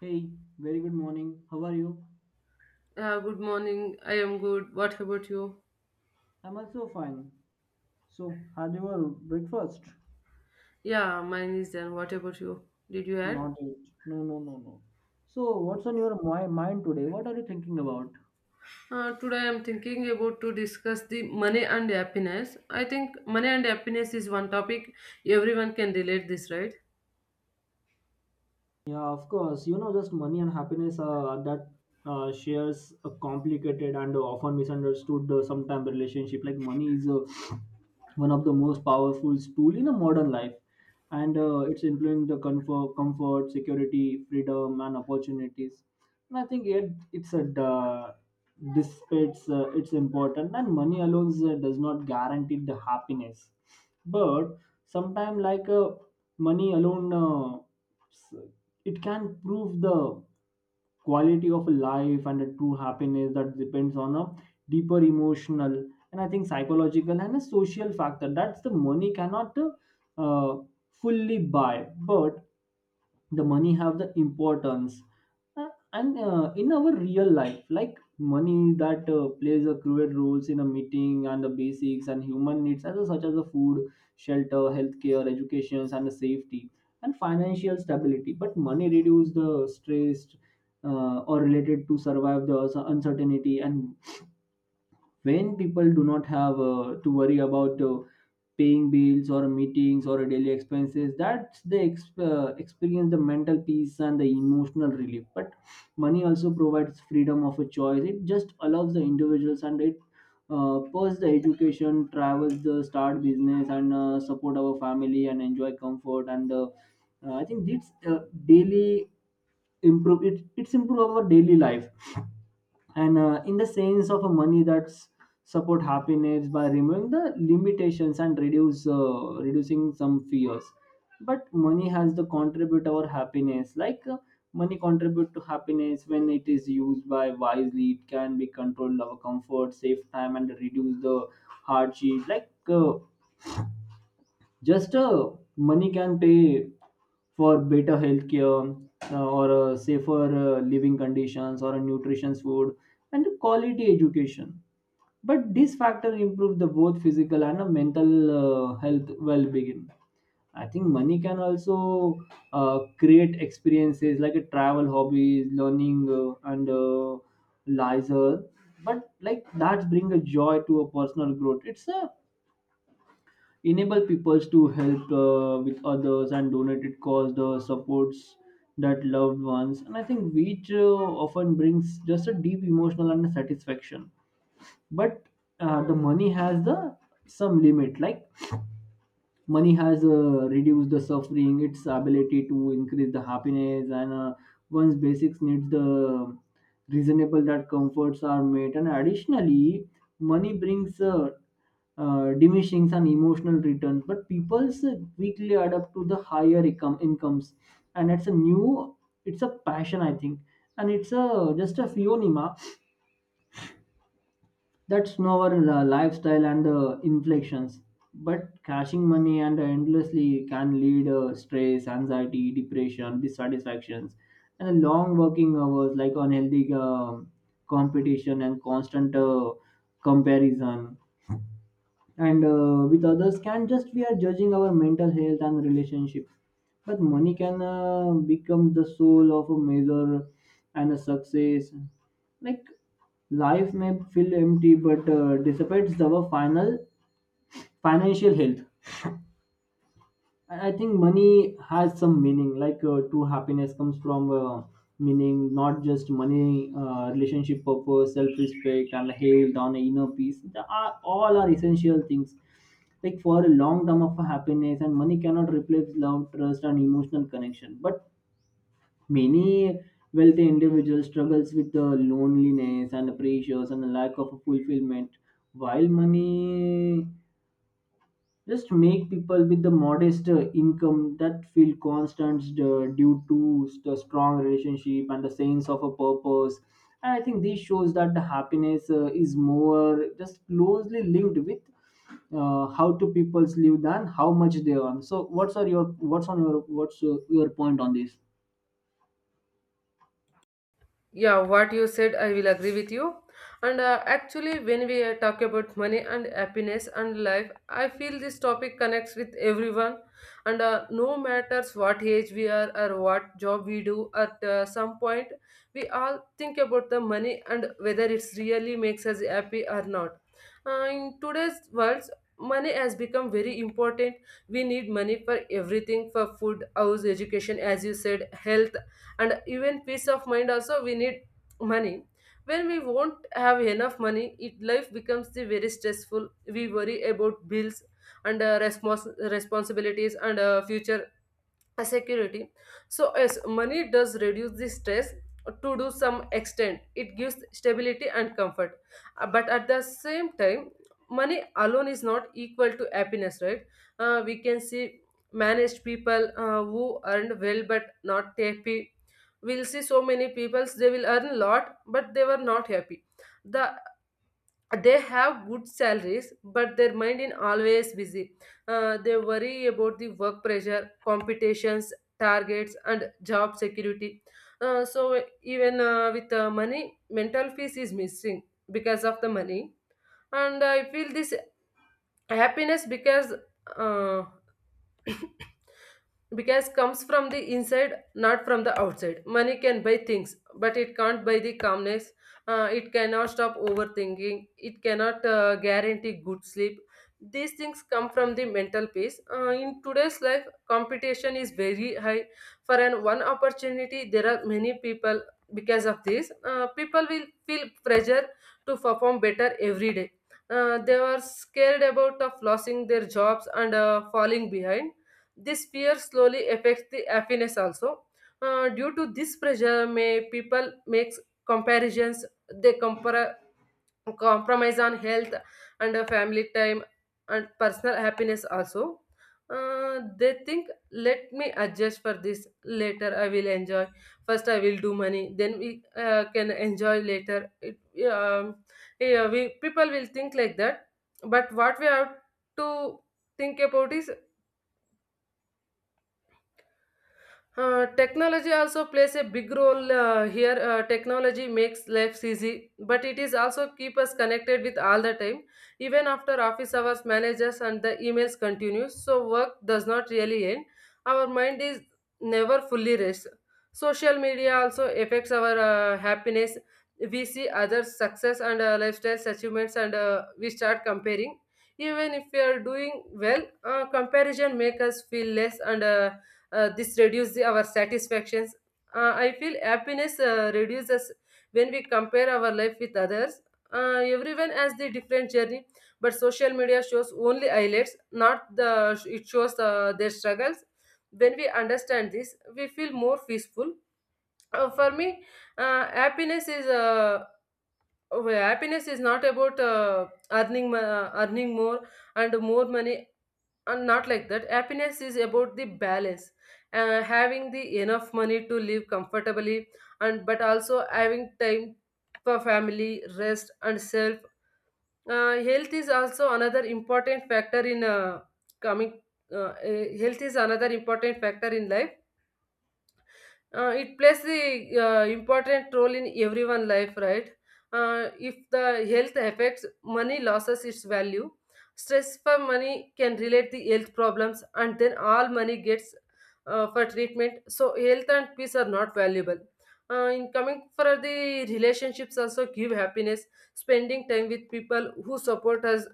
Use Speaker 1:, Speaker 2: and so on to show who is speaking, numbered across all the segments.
Speaker 1: Hey, very good morning. How are you?
Speaker 2: Yeah, good morning. I am good. What about you?
Speaker 1: I'm also fine. Had your breakfast?
Speaker 2: Yeah, mine is done. What about you? Did you add?
Speaker 1: Not yet. No, no, no, no. So, what's on your mind today? What are you thinking about?
Speaker 2: Today I am thinking about to discuss the money and happiness. I think money and happiness is one topic everyone can relate this, right?
Speaker 1: Yeah, of course. You know, just money and happiness that shares a complicated and often misunderstood sometime relationship. Like money is one of the most powerful tool in a modern life, and it's influencing the comfort, security, freedom, and opportunities. And I think it's a dissipates it's important, and money alone does not guarantee the happiness. But sometimes, like money alone. It can prove the quality of life and a true happiness that depends on a deeper emotional, and I think psychological and a social factor that's the money cannot fully buy, but the money have the importance. Uh, and in our real life, like money that plays a crucial roles in a meeting and the basics and human needs as such as the food, shelter, healthcare, education, and the safety and financial stability, but money reduce the stress or related to survive the uncertainty. And when people do not have to worry about paying bills or meetings or daily expenses, that's they experience the mental peace and the emotional relief. But money also provides freedom of a choice. It just allows the individuals, and it purse the education, travels, the start business, and support our family and enjoy comfort, and I think it's daily improve it's improve our daily life. And in the sense of a money, that's support happiness by removing the limitations and reduce reducing some fears. But money has to contribute our happiness, like money contribute to happiness when it is used by wisely. It can be controlled our comfort, save time, and reduce the hardship, like just money can pay for better healthcare, or safer living conditions or a nutritious food and quality education. But these factors improve the both physical and mental health well-being. I think money can also create experiences like a travel, hobbies, learning, and leisure. But like that bring a joy to a personal growth. It's a enable people to help with others and donated cause the supports that loved ones, and I think which often brings just a deep emotional and satisfaction. But the money has the some limit, like money has reduced the suffering its ability to increase the happiness, and one's basics needs the reasonable that comforts are met. And additionally, money brings diminishing and emotional returns, but people quickly adapt to the higher income incomes, and it's a new, it's a passion, I think, and it's a just a phenomena that's our lifestyle and the inflections. But cashing money and endlessly can lead stress, anxiety, depression, dissatisfactions, and long working hours, like unhealthy competition and constant comparison. And with others, can just we are judging our mental health and relationships. But money can become the soul of a measure and a success, like life may feel empty but dissipates our final financial health. And I think money has some meaning, like true happiness comes from meaning, not just money. Relationship, purpose, self-respect, and health on inner peace, they are all are essential things, like for a long term of happiness. And money cannot replace love, trust, and emotional connection. But many wealthy individuals struggles with the loneliness and pressures and the lack of fulfillment, while money just make people with the modest income that feel constant due to the strong relationship and the sense of a purpose. And I think this shows that the happiness is more just closely linked with how two people live than how much they earn. So, what's are your what's on your what's your point on this?
Speaker 2: Yeah, what you said, I will agree with you. And actually, when we talk about money and happiness and life, I feel this topic connects with everyone. And no matters what age we are or what job we do, at some point, we all think about the money and whether it's really makes us happy or not. In today's world, money has become very important. We need money for everything, for food, house, education, as you said, health, and even peace of mind also we need money. When we won't have enough money, it life becomes the very stressful. We worry about bills and responsibilities and future a security. So yes, money does reduce the stress to do some extent. It gives stability and comfort. But at the same time, money alone is not equal to happiness, right? We can see managed people who earned well but not happy. We'll see so many people, they will earn a lot but they were not happy. the they have good salaries but their mind is always busy. They worry about the work pressure, competitions, targets and job security. So even with money, mental peace is missing because of the money. And I feel this happiness because uh, because comes from the inside, not from the outside. Money can buy things but it can't buy the calmness. It cannot stop overthinking, it cannot guarantee good sleep. These things come from the mental peace. In today's life, competition is very high. For an one opportunity there are many people. Because of this, people will feel pressure to perform better every day. They are scared about of losing their jobs and falling behind. This fear slowly affects the happiness also. Due to this pressure, may people makes comparisons. They compare, compromise on health and family time and personal happiness also. They think, let me adjust for this, later I will enjoy. First I will do money, then we can enjoy later. it, um, yeah, we people will think like that. But what we have to think about is, technology also plays a big role here. Technology makes life easy, but it is also keep us connected with all the time. Even after office hours, managers and the emails continue, so work does not really end. Our mind is never fully rest. Social media also affects our happiness. We see others' success and lifestyles achievements, and we start comparing. Even if we are doing well, comparison makes us feel less and this reduces our satisfactions. I feel happiness reduces when we compare our life with others. Everyone has the different journey, but social media shows only highlights, not the it shows their struggles. When we understand this, we feel more peaceful. For me, uh, happiness is uh, happiness is not about earning more and more money, and not like that. Happiness is about the balance, having the enough money to live comfortably, and but also having time for family, rest and self. Uh, health is also another important factor in coming uh, Health is another important factor in life. It plays the important role in everyone life, right? If the health affects, money loses its value. Stress for money can relate the health problems and then all money gets for treatment. So health and peace are not valuable in coming. For the relationships also give happiness. Spending time with people who support us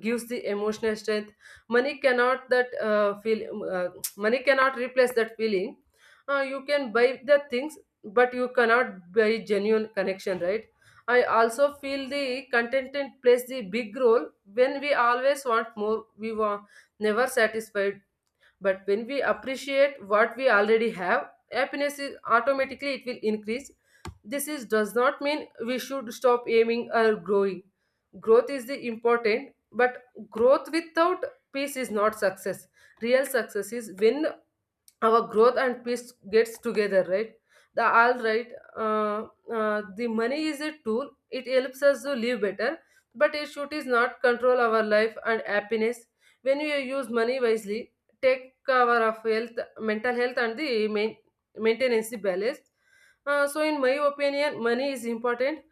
Speaker 2: gives the emotional strength. Money cannot that feel Money cannot replace that feeling. You can buy the things but you cannot buy genuine connection, right? I also feel the contentment plays the big role. When we always want more, we were never satisfied. But when we appreciate what we already have, happiness is automatically, it will increase. This is does not mean we should stop aiming or growing. Growth is the important, but growth without peace is not success. Real success is when our growth and peace gets together, right? The all right uh, uh, the money is a tool, it helps us to live better, but it should is not control our life and happiness. When we use money wisely, take care of health, mental health and maintenance the balance. So in my opinion money is important,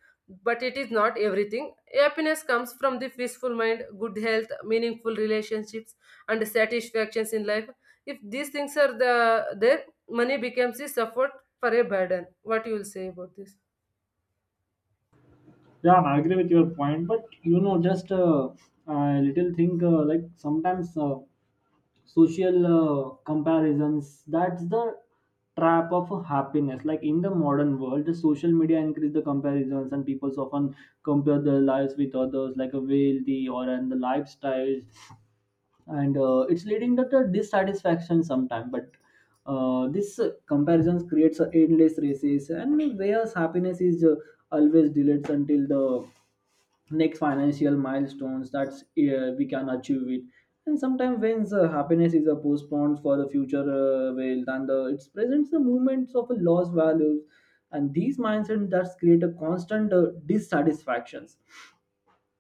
Speaker 2: but it is not everything. Happiness comes from the peaceful mind, good health, meaningful relationships and satisfactions in life. If these things are the there, money becomes a support for a burden. What you will say about this?
Speaker 1: Yeah, I agree with your point, but you know, just a little thing like sometimes social comparisons that's the trap of happiness. Like in the modern world, the social media increase the comparisons, and people often compare their lives with others, like a wealthy or and the lifestyles, and it's leading to the dissatisfaction sometimes. But this comparisons creates a endless races, and whereas happiness is always delayed until the next financial milestones that we can achieve it. And sometimes when the happiness is a postponed for the future well then the it presents the movements of a lost values, and these mindsets that create a constant dissatisfactions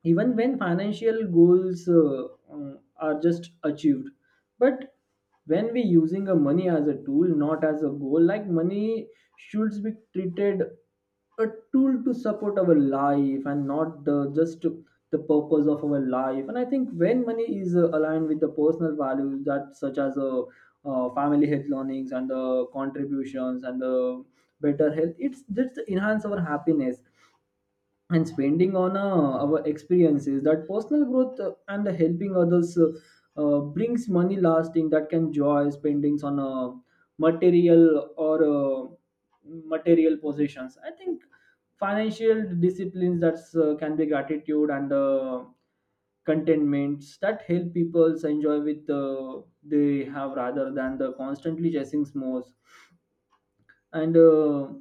Speaker 1: even when financial goals are just achieved. But when we using a money as a tool, not as a goal, like money should be treated a tool to support our life and not the just the purpose of our life. And I think when money is aligned with the personal values, that such as family, health, learnings, and the contributions and the better health, it's just enhance our happiness. And spending on our experiences that personal growth and helping others, brings money lasting that can joy spendings on material or uh, material possessions. I think financial disciplines that can be gratitude and contentments that help people enjoy with they have rather than the constantly chasing more. And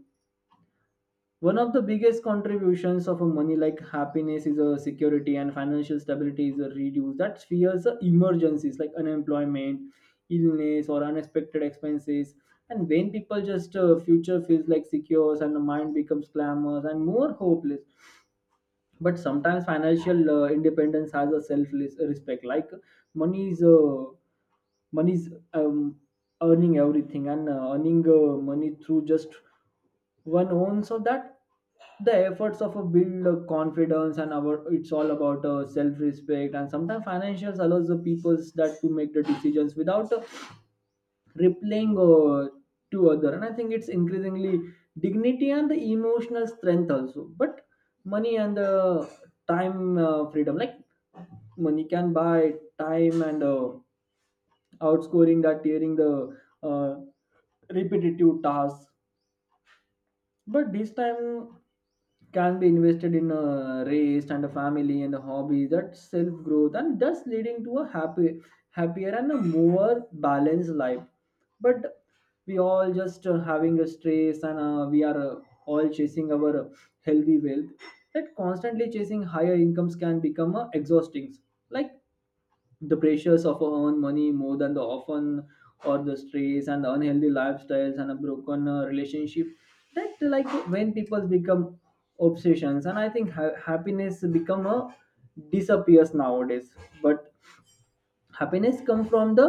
Speaker 1: one of the biggest contributions of a money like happiness is a security, and financial stability is a reduce that fears the emergencies like unemployment, illness, or unexpected expenses. And when people just future feels like secure, and the mind becomes glamorous and more hopeless. But sometimes financial independence has a self respect, like money is uh, money is earning everything, and earning money through just one own, so that the efforts of a build confidence, and our it's all about self respect. And sometimes financials allows the peoples that to make the decisions without rippling to other. And I think it's increasingly dignity and the emotional strength also. But money and the time freedom, like money can buy time and outscoring that during the uh, repetitive tasks. But this time can be invested in a race and a family and a hobby that self growth, and thus leading to a happier and a more balanced life. But we all just having a stress, and we are all chasing our healthy wealth. That constantly chasing higher incomes can become exhausting. Like the pressures of our own money more than the often or the stress and the unhealthy lifestyles and a broken relationship, that like when people become obsessions, and I think happiness become a disappears nowadays. But happiness comes from the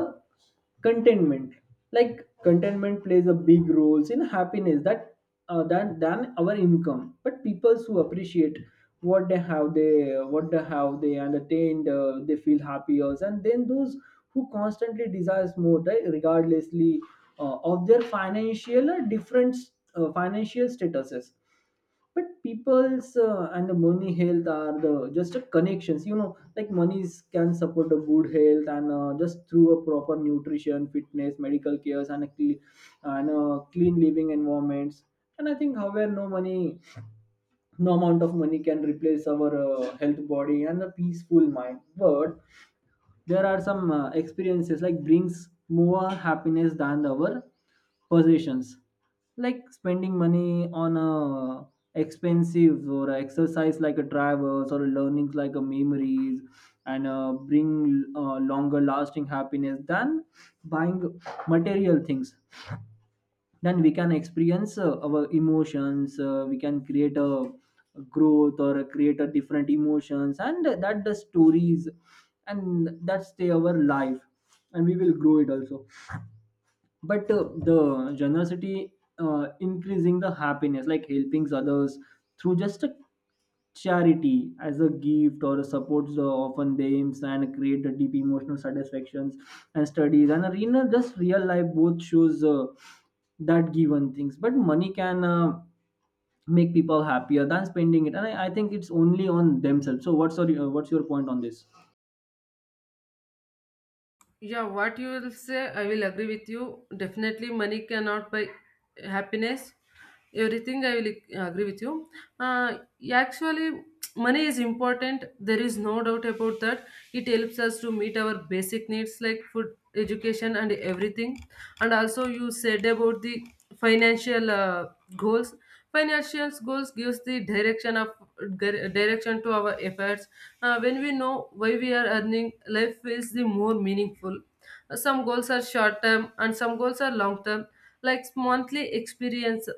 Speaker 1: contentment, like contentment plays a big role in happiness that than our income. But people who appreciate what they have they entertained, they feel happier, and then those who constantly desires more, right, regardlessly of their financial or different financial statuses. But people's and the money health are the just the connections, you know, like monies can support a good health and just through a proper nutrition, fitness, medical cares, and a clean living environments. And I think however no money, no amount of money can replace our health body and a peaceful mind. But there are some experiences like brings more happiness than our possessions, like spending money on a expensive or a exercise, like a travels or learning, like a memories, and bring longer lasting happiness than buying material things. Then we can experience our emotions, we can create a growth or a create a different emotions and that the stories, and that's the our life, and we will grow it also. But the generosity increasing the happiness, like helping others through just a charity as a gift or a support, often aims and create a deep emotional satisfactions. And studies and arena just real life both shows that given things, but money can make people happier than spending it. And I think it's only on themselves. So, what's your point on this?
Speaker 2: Yeah, what you will say, I will agree with you. Definitely, money cannot buy happiness. Everything I will agree with you. Uh, Actually, money is important. There is no doubt about that. It helps us to meet our basic needs like food, education, and everything. And also you said about the financial goals. Financial goals gives the direction of direction to our efforts. When we know why we are earning, life feels the more meaningful. Some goals are short term and some goals are long term, like monthly experience,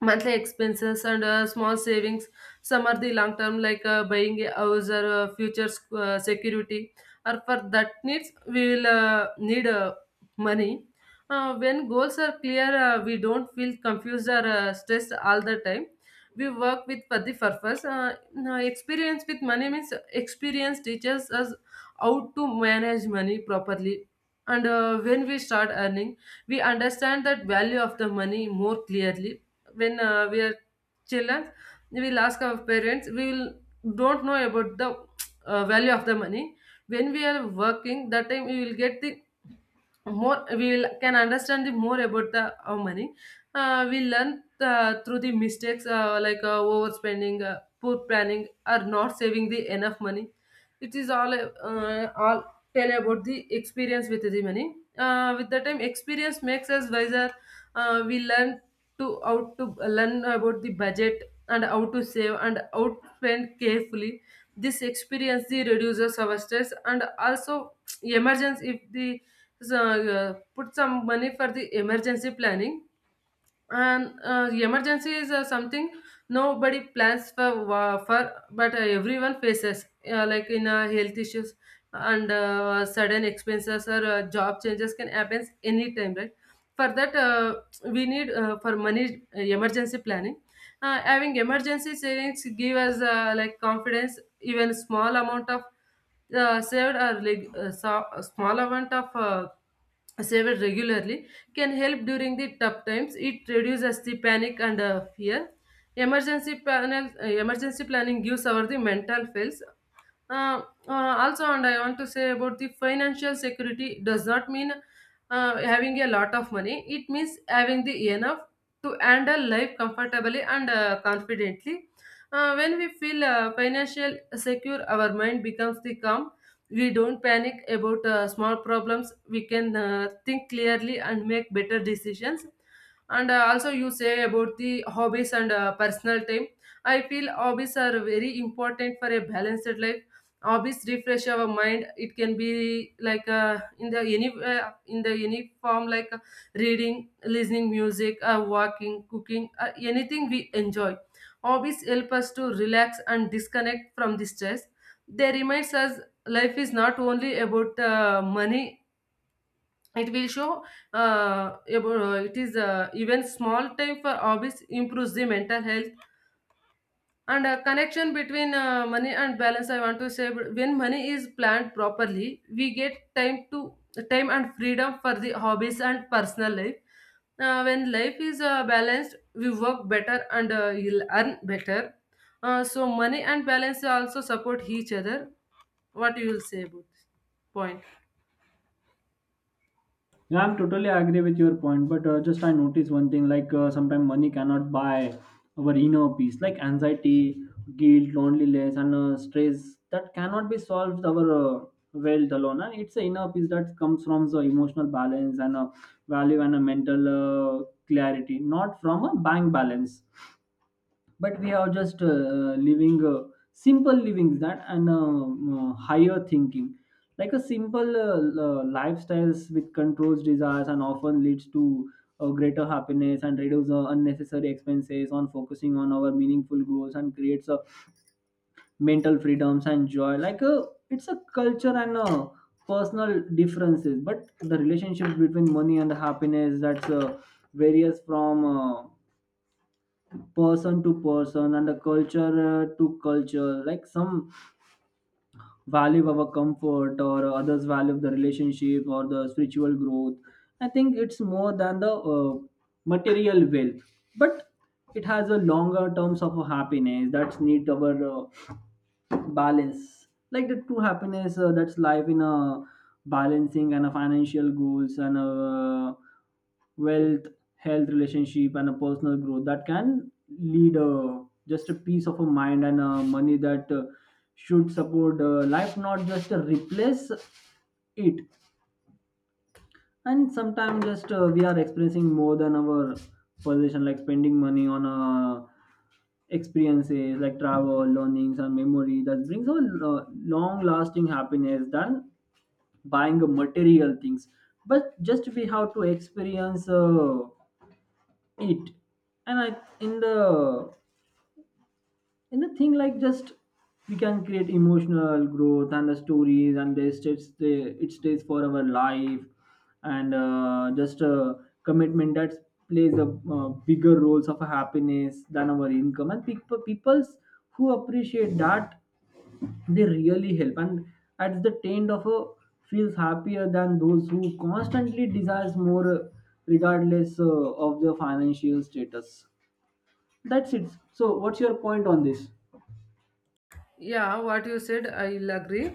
Speaker 2: monthly expenses and small savings. Some are the long term, like buying a house or future security. Or for that needs we will need money. When goals are clear, we don't feel confused or stressed all the time. We work with for the purpose. No, Experience with money means experience teaches us how to manage money properly. And when we start earning, we understand that value of the money more clearly. When we are children, we will ask our parents, we will don't know about the value of the money. When we are working, that time we will get the more, we'll can understand the more about the money. We learn through the mistakes, like overspending, poor planning or not saving the enough money. It is all tell about the experience with the money. With the time, experience makes us wiser. We learn to how to learn about the budget and how to save and how to spend carefully. This experience the reduces our stress and also emergence if the. So, put some money for the emergency planning. And emergency is something nobody plans for, for, but everyone faces, like in health issues and sudden expenses or job changes can happen anytime, right? For that we need for money emergency planning. Having emergency savings give us like confidence. Even small amount of saved or like so, a small amount of saved regularly can help during the tough times. It reduces the panic and fear. Emergency planning gives our the mental fails. uh, Also, and I want to say about the financial security does not mean having a lot of money, it means having the enough to handle life comfortably and confidently. When we feel financial secure, our mind becomes the calm. We don't panic about small problems. We can think clearly and make better decisions. And also you say about the hobbies and personal time. I feel hobbies are very important for a balanced life. Hobbies refresh our mind. It can be like in the any form, like reading, listening music, walking, cooking, anything we enjoy. Hobbies help us to relax and disconnect from the stress. They reminds us life is not only about money. It will show about, it is even small time for hobbies improves the mental health. And a connection between money and balance, I want to say, when money is planned properly, we get time to time and freedom for the hobbies and personal life. When life is balanced, we work better and you'll earn better. So money and balance also support each other. What you will say about this point?
Speaker 1: Yeah, I'm totally agree with your point, but just I noticed one thing, like sometimes money cannot buy our inner peace, like anxiety, guilt, loneliness, and stress that cannot be solved our wealth alone. And it's the inner peace that comes from the emotional balance and value and a mental clarity, not from a bank balance, but we are just living simple livings, that and higher thinking, like a simple lifestyles with controls desires and often leads to greater happiness and reduce unnecessary expenses on focusing on our meaningful goals and creates a mental freedoms and joy like a, it's a culture and a personal differences, but the relationship between money and happiness, that's varies from person to person and the culture to culture, like some value our comfort or others value the relationship or the spiritual growth. I think it's more than the material wealth, but it has a longer terms of happiness that's need our balance, like the true happiness that's life in a balancing and a financial goals and a wealth, health, relationship and a personal growth that can lead just a peace of a mind, and money that should support life, not just replace it. And sometimes just we are experiencing more than our possession, like spending money on experiences like travel, learnings and memory that brings a long lasting happiness than buying a material things, but just we have to experience it. And i in the and the thing, like, just we can create emotional growth and the stories, and it stays for our life. And just a commitment that plays a bigger roles of happiness than our income. And people's who appreciate that, they really help, and at the end of a feels happier than those who constantly desires more, regardless of their financial status. That's it. So what's your point on this?
Speaker 2: Yeah, what you said, I'll agree.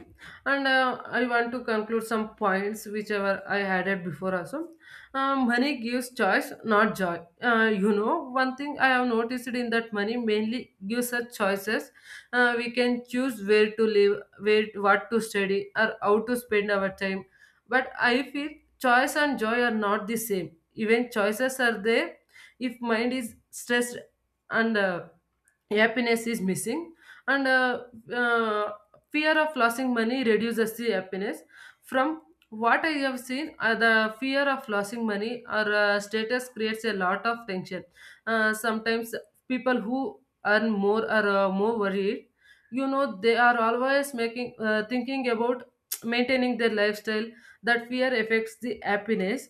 Speaker 2: And I want to conclude some points whichever I added before also. Money gives choice, not joy. You know, one thing I have noticed in that money mainly gives us choices. We can choose where to live, where what to study, or how to spend our time. But I feel choice and joy are not the same. Even choices are there if mind is stressed and happiness is missing and uh, fear of losing money reduces the happiness from what I have seen the fear of losing money or status creates a lot of tension. Sometimes people who earn more are more worried. You know, they are always making thinking about maintaining their lifestyle. That fear affects the happiness.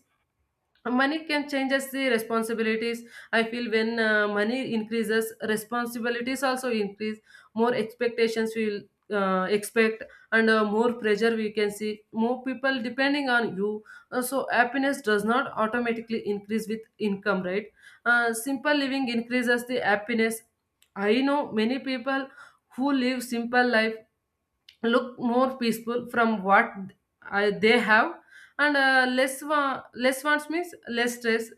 Speaker 2: Money can change us the responsibilities. I feel when money increases, responsibilities also increase. More expectations we will expect, and more pressure. We can see more people depending on you. So happiness does not automatically increase with income, right? Simple living increases the happiness. I know many people who live simple life look more peaceful from what they have, and less wants means less stress.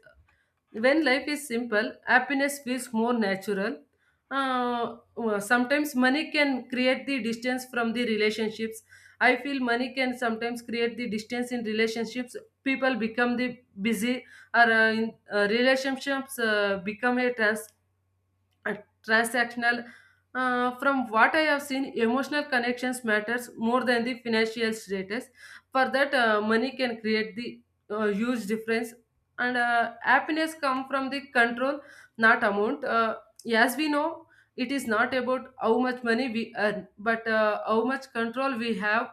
Speaker 2: When life is simple, happiness feels more natural. Sometimes money can create the distance from the relationships. I feel money can sometimes create the distance in relationships. People become the busy, or relationships become a task, uh, transactional. From what I have seen, emotional connections matters more than the financial status. For that, money can create the huge difference, and happiness come from the control, not amount. As we know, it is not about how much money we earn, but how much control we have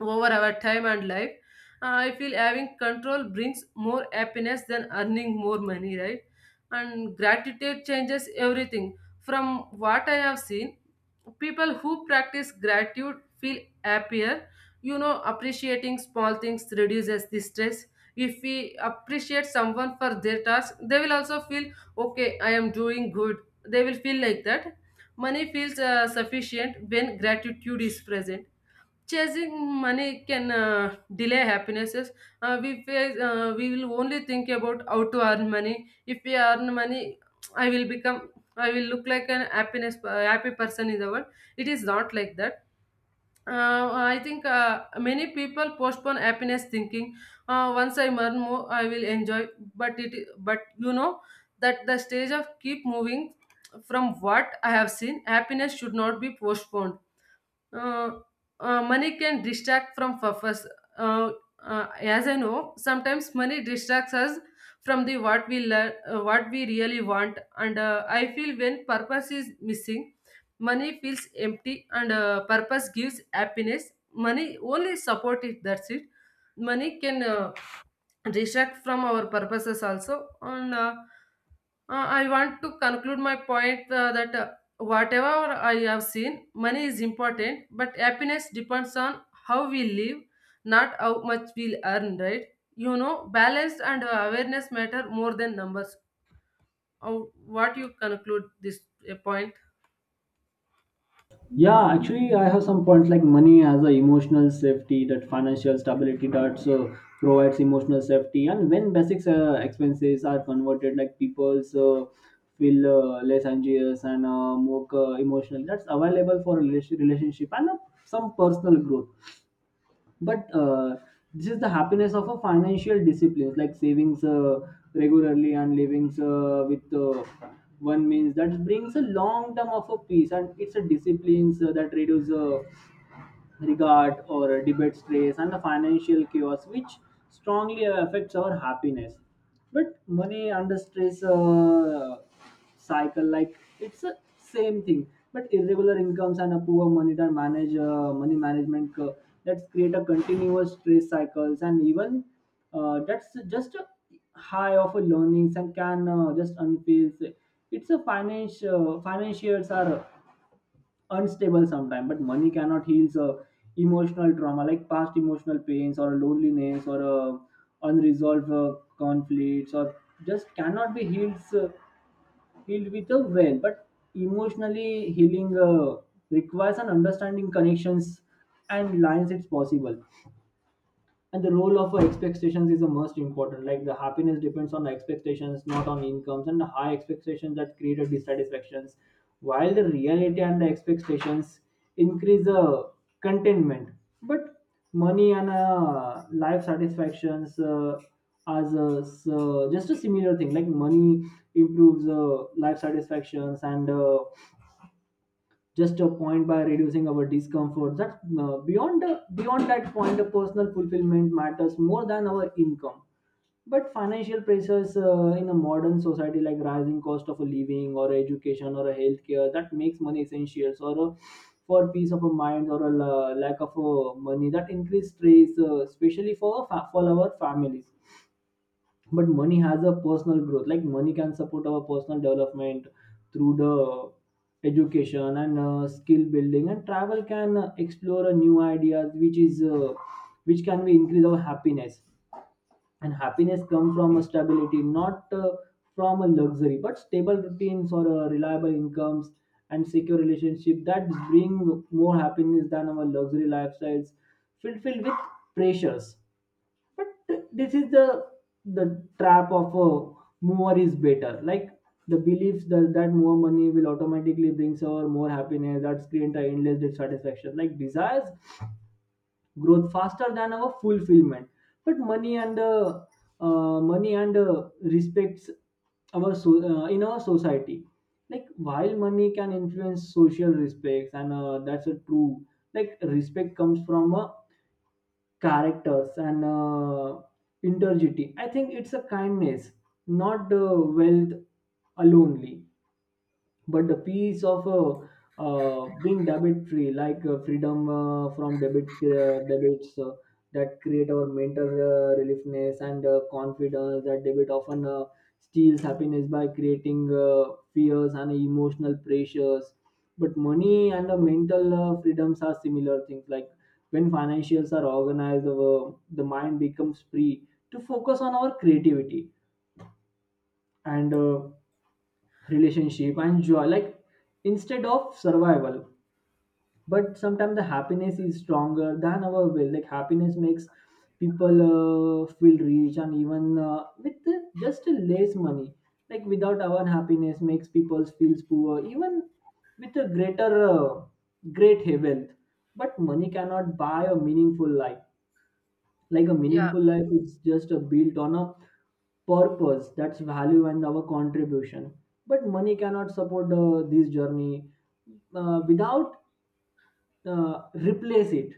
Speaker 2: over our time and life. I feel having control brings more happiness than earning more money, right? And gratitude changes everything. From what I have seen, people who practice gratitude feel happier. You know, appreciating small things reduces the stress. If we appreciate someone for their task, they will also feel okay, I am doing good. They will feel like that. Money feels sufficient when gratitude is present. Chasing money can delay happinesses. We will only think about how to earn money. If we earn money, I will become, I will look like an happiness, happy person in the world. It is not like that. I think many people postpone happiness thinking. Once I earn more, I will enjoy. But it, but you know that the stage of keep moving. From what I have seen, happiness should not be postponed. uh, Money can distract from purpose. Uh, as I know, sometimes money distracts us from the what we learn, what we really want, and I feel when purpose is missing, money feels empty, and purpose gives happiness. Money only support it. That's it. Money can distract from our purposes also, and. I want to conclude my point that whatever I have seen, money is important, but happiness depends on how we live, not how much we earn, right? You know, balance and awareness matter more than numbers. How, what you conclude this point?
Speaker 1: Yeah, actually, I have some points, like money as a emotional safety, that financial stability that provides emotional safety, and when basic expenses are converted, like people feel less anxious and more emotional. That's available for relationship and some personal growth. But this is the happiness of a financial discipline, like savings regularly and livings with one means, that brings a long term of a peace. And it's a discipline that reduces regard or debate stress and the financial chaos which strongly affects our happiness. But money under stress cycle, like it's a same thing, but irregular incomes and a poor money that manage money management that create a continuous stress cycles, and even that's just a high of a learnings and can just unfeel, it's a financial financiers are unstable sometimes. But money cannot heal emotional trauma, like past emotional pains or loneliness or unresolved conflicts, or just cannot be healed with a well, but emotionally healing requires an understanding connections and lines it's possible. And the role of expectations is the most important, like the happiness depends on the expectations, not on incomes, and the high expectations that create a dissatisfactions while the reality and the expectations increase the contentment. But money and life satisfactions just a similar thing, like money improves life satisfactions and just a point by reducing our discomfort, that beyond that point the personal fulfillment matters more than our income. But financial pressures in a modern society, like rising cost of a living or education or a healthcare, that makes money essentials or a, for peace of a mind, or a lack of money that increase stress, especially for for our families. But money has a personal growth, like money can support our personal development through the education and skill building, and travel can explore a new ideas, which is which can be increase our happiness. And happiness come from a stability, not from a luxury, but stable routines or reliable incomes and secure relationship that bring more happiness than our luxury lifestyles filled with pressures. But this is the trap of a more is better. Like the beliefs that more money will automatically brings our more happiness, that screen time endless dissatisfaction. Like desires growth faster than our fulfillment. But money and money and respects our so, in our society. Like while money can influence social respects, and that's a true, like respect comes from a characters and integrity, I think it's a kindness, not the wealth alone. But the piece of being debit free, like freedom from debits that create our mental reliefness and confidence, that debit often steals happiness by creating fears and emotional pressures. But money and mental freedoms are similar things, like when financials are organized, the mind becomes free to focus on our creativity and relationship and joy, like instead of survival. But sometimes the happiness is stronger than our will, like happiness makes people feel rich and even with just less money, like without our happiness makes people feel poor even with a great wealth. But money cannot buy a meaningful life, like a
Speaker 2: Yeah,
Speaker 1: meaningful life, it's just a built on a purpose that's value and our contribution. But money cannot support this journey without replace it.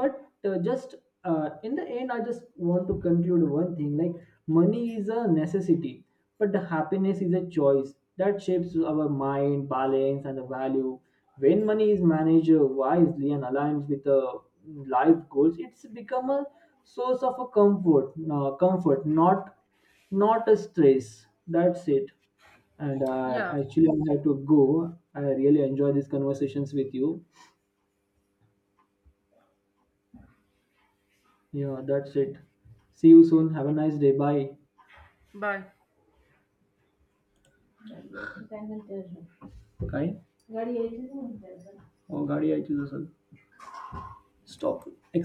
Speaker 1: But just in the end, I just want to conclude one thing, like money is a necessity, but the happiness is a choice that shapes our mind, balance and the value. When money is managed wisely and aligned with the life goals, it's become a source of a comfort, not not a stress. That's it. And
Speaker 2: yeah.
Speaker 1: actually, I have to go. I really enjoy these conversations with you. Yeah, that's it. See you soon. Have a nice day. Bye.
Speaker 2: Bye.
Speaker 1: कहीं Oh, गाड़ी आई थी दरअसल. Stop.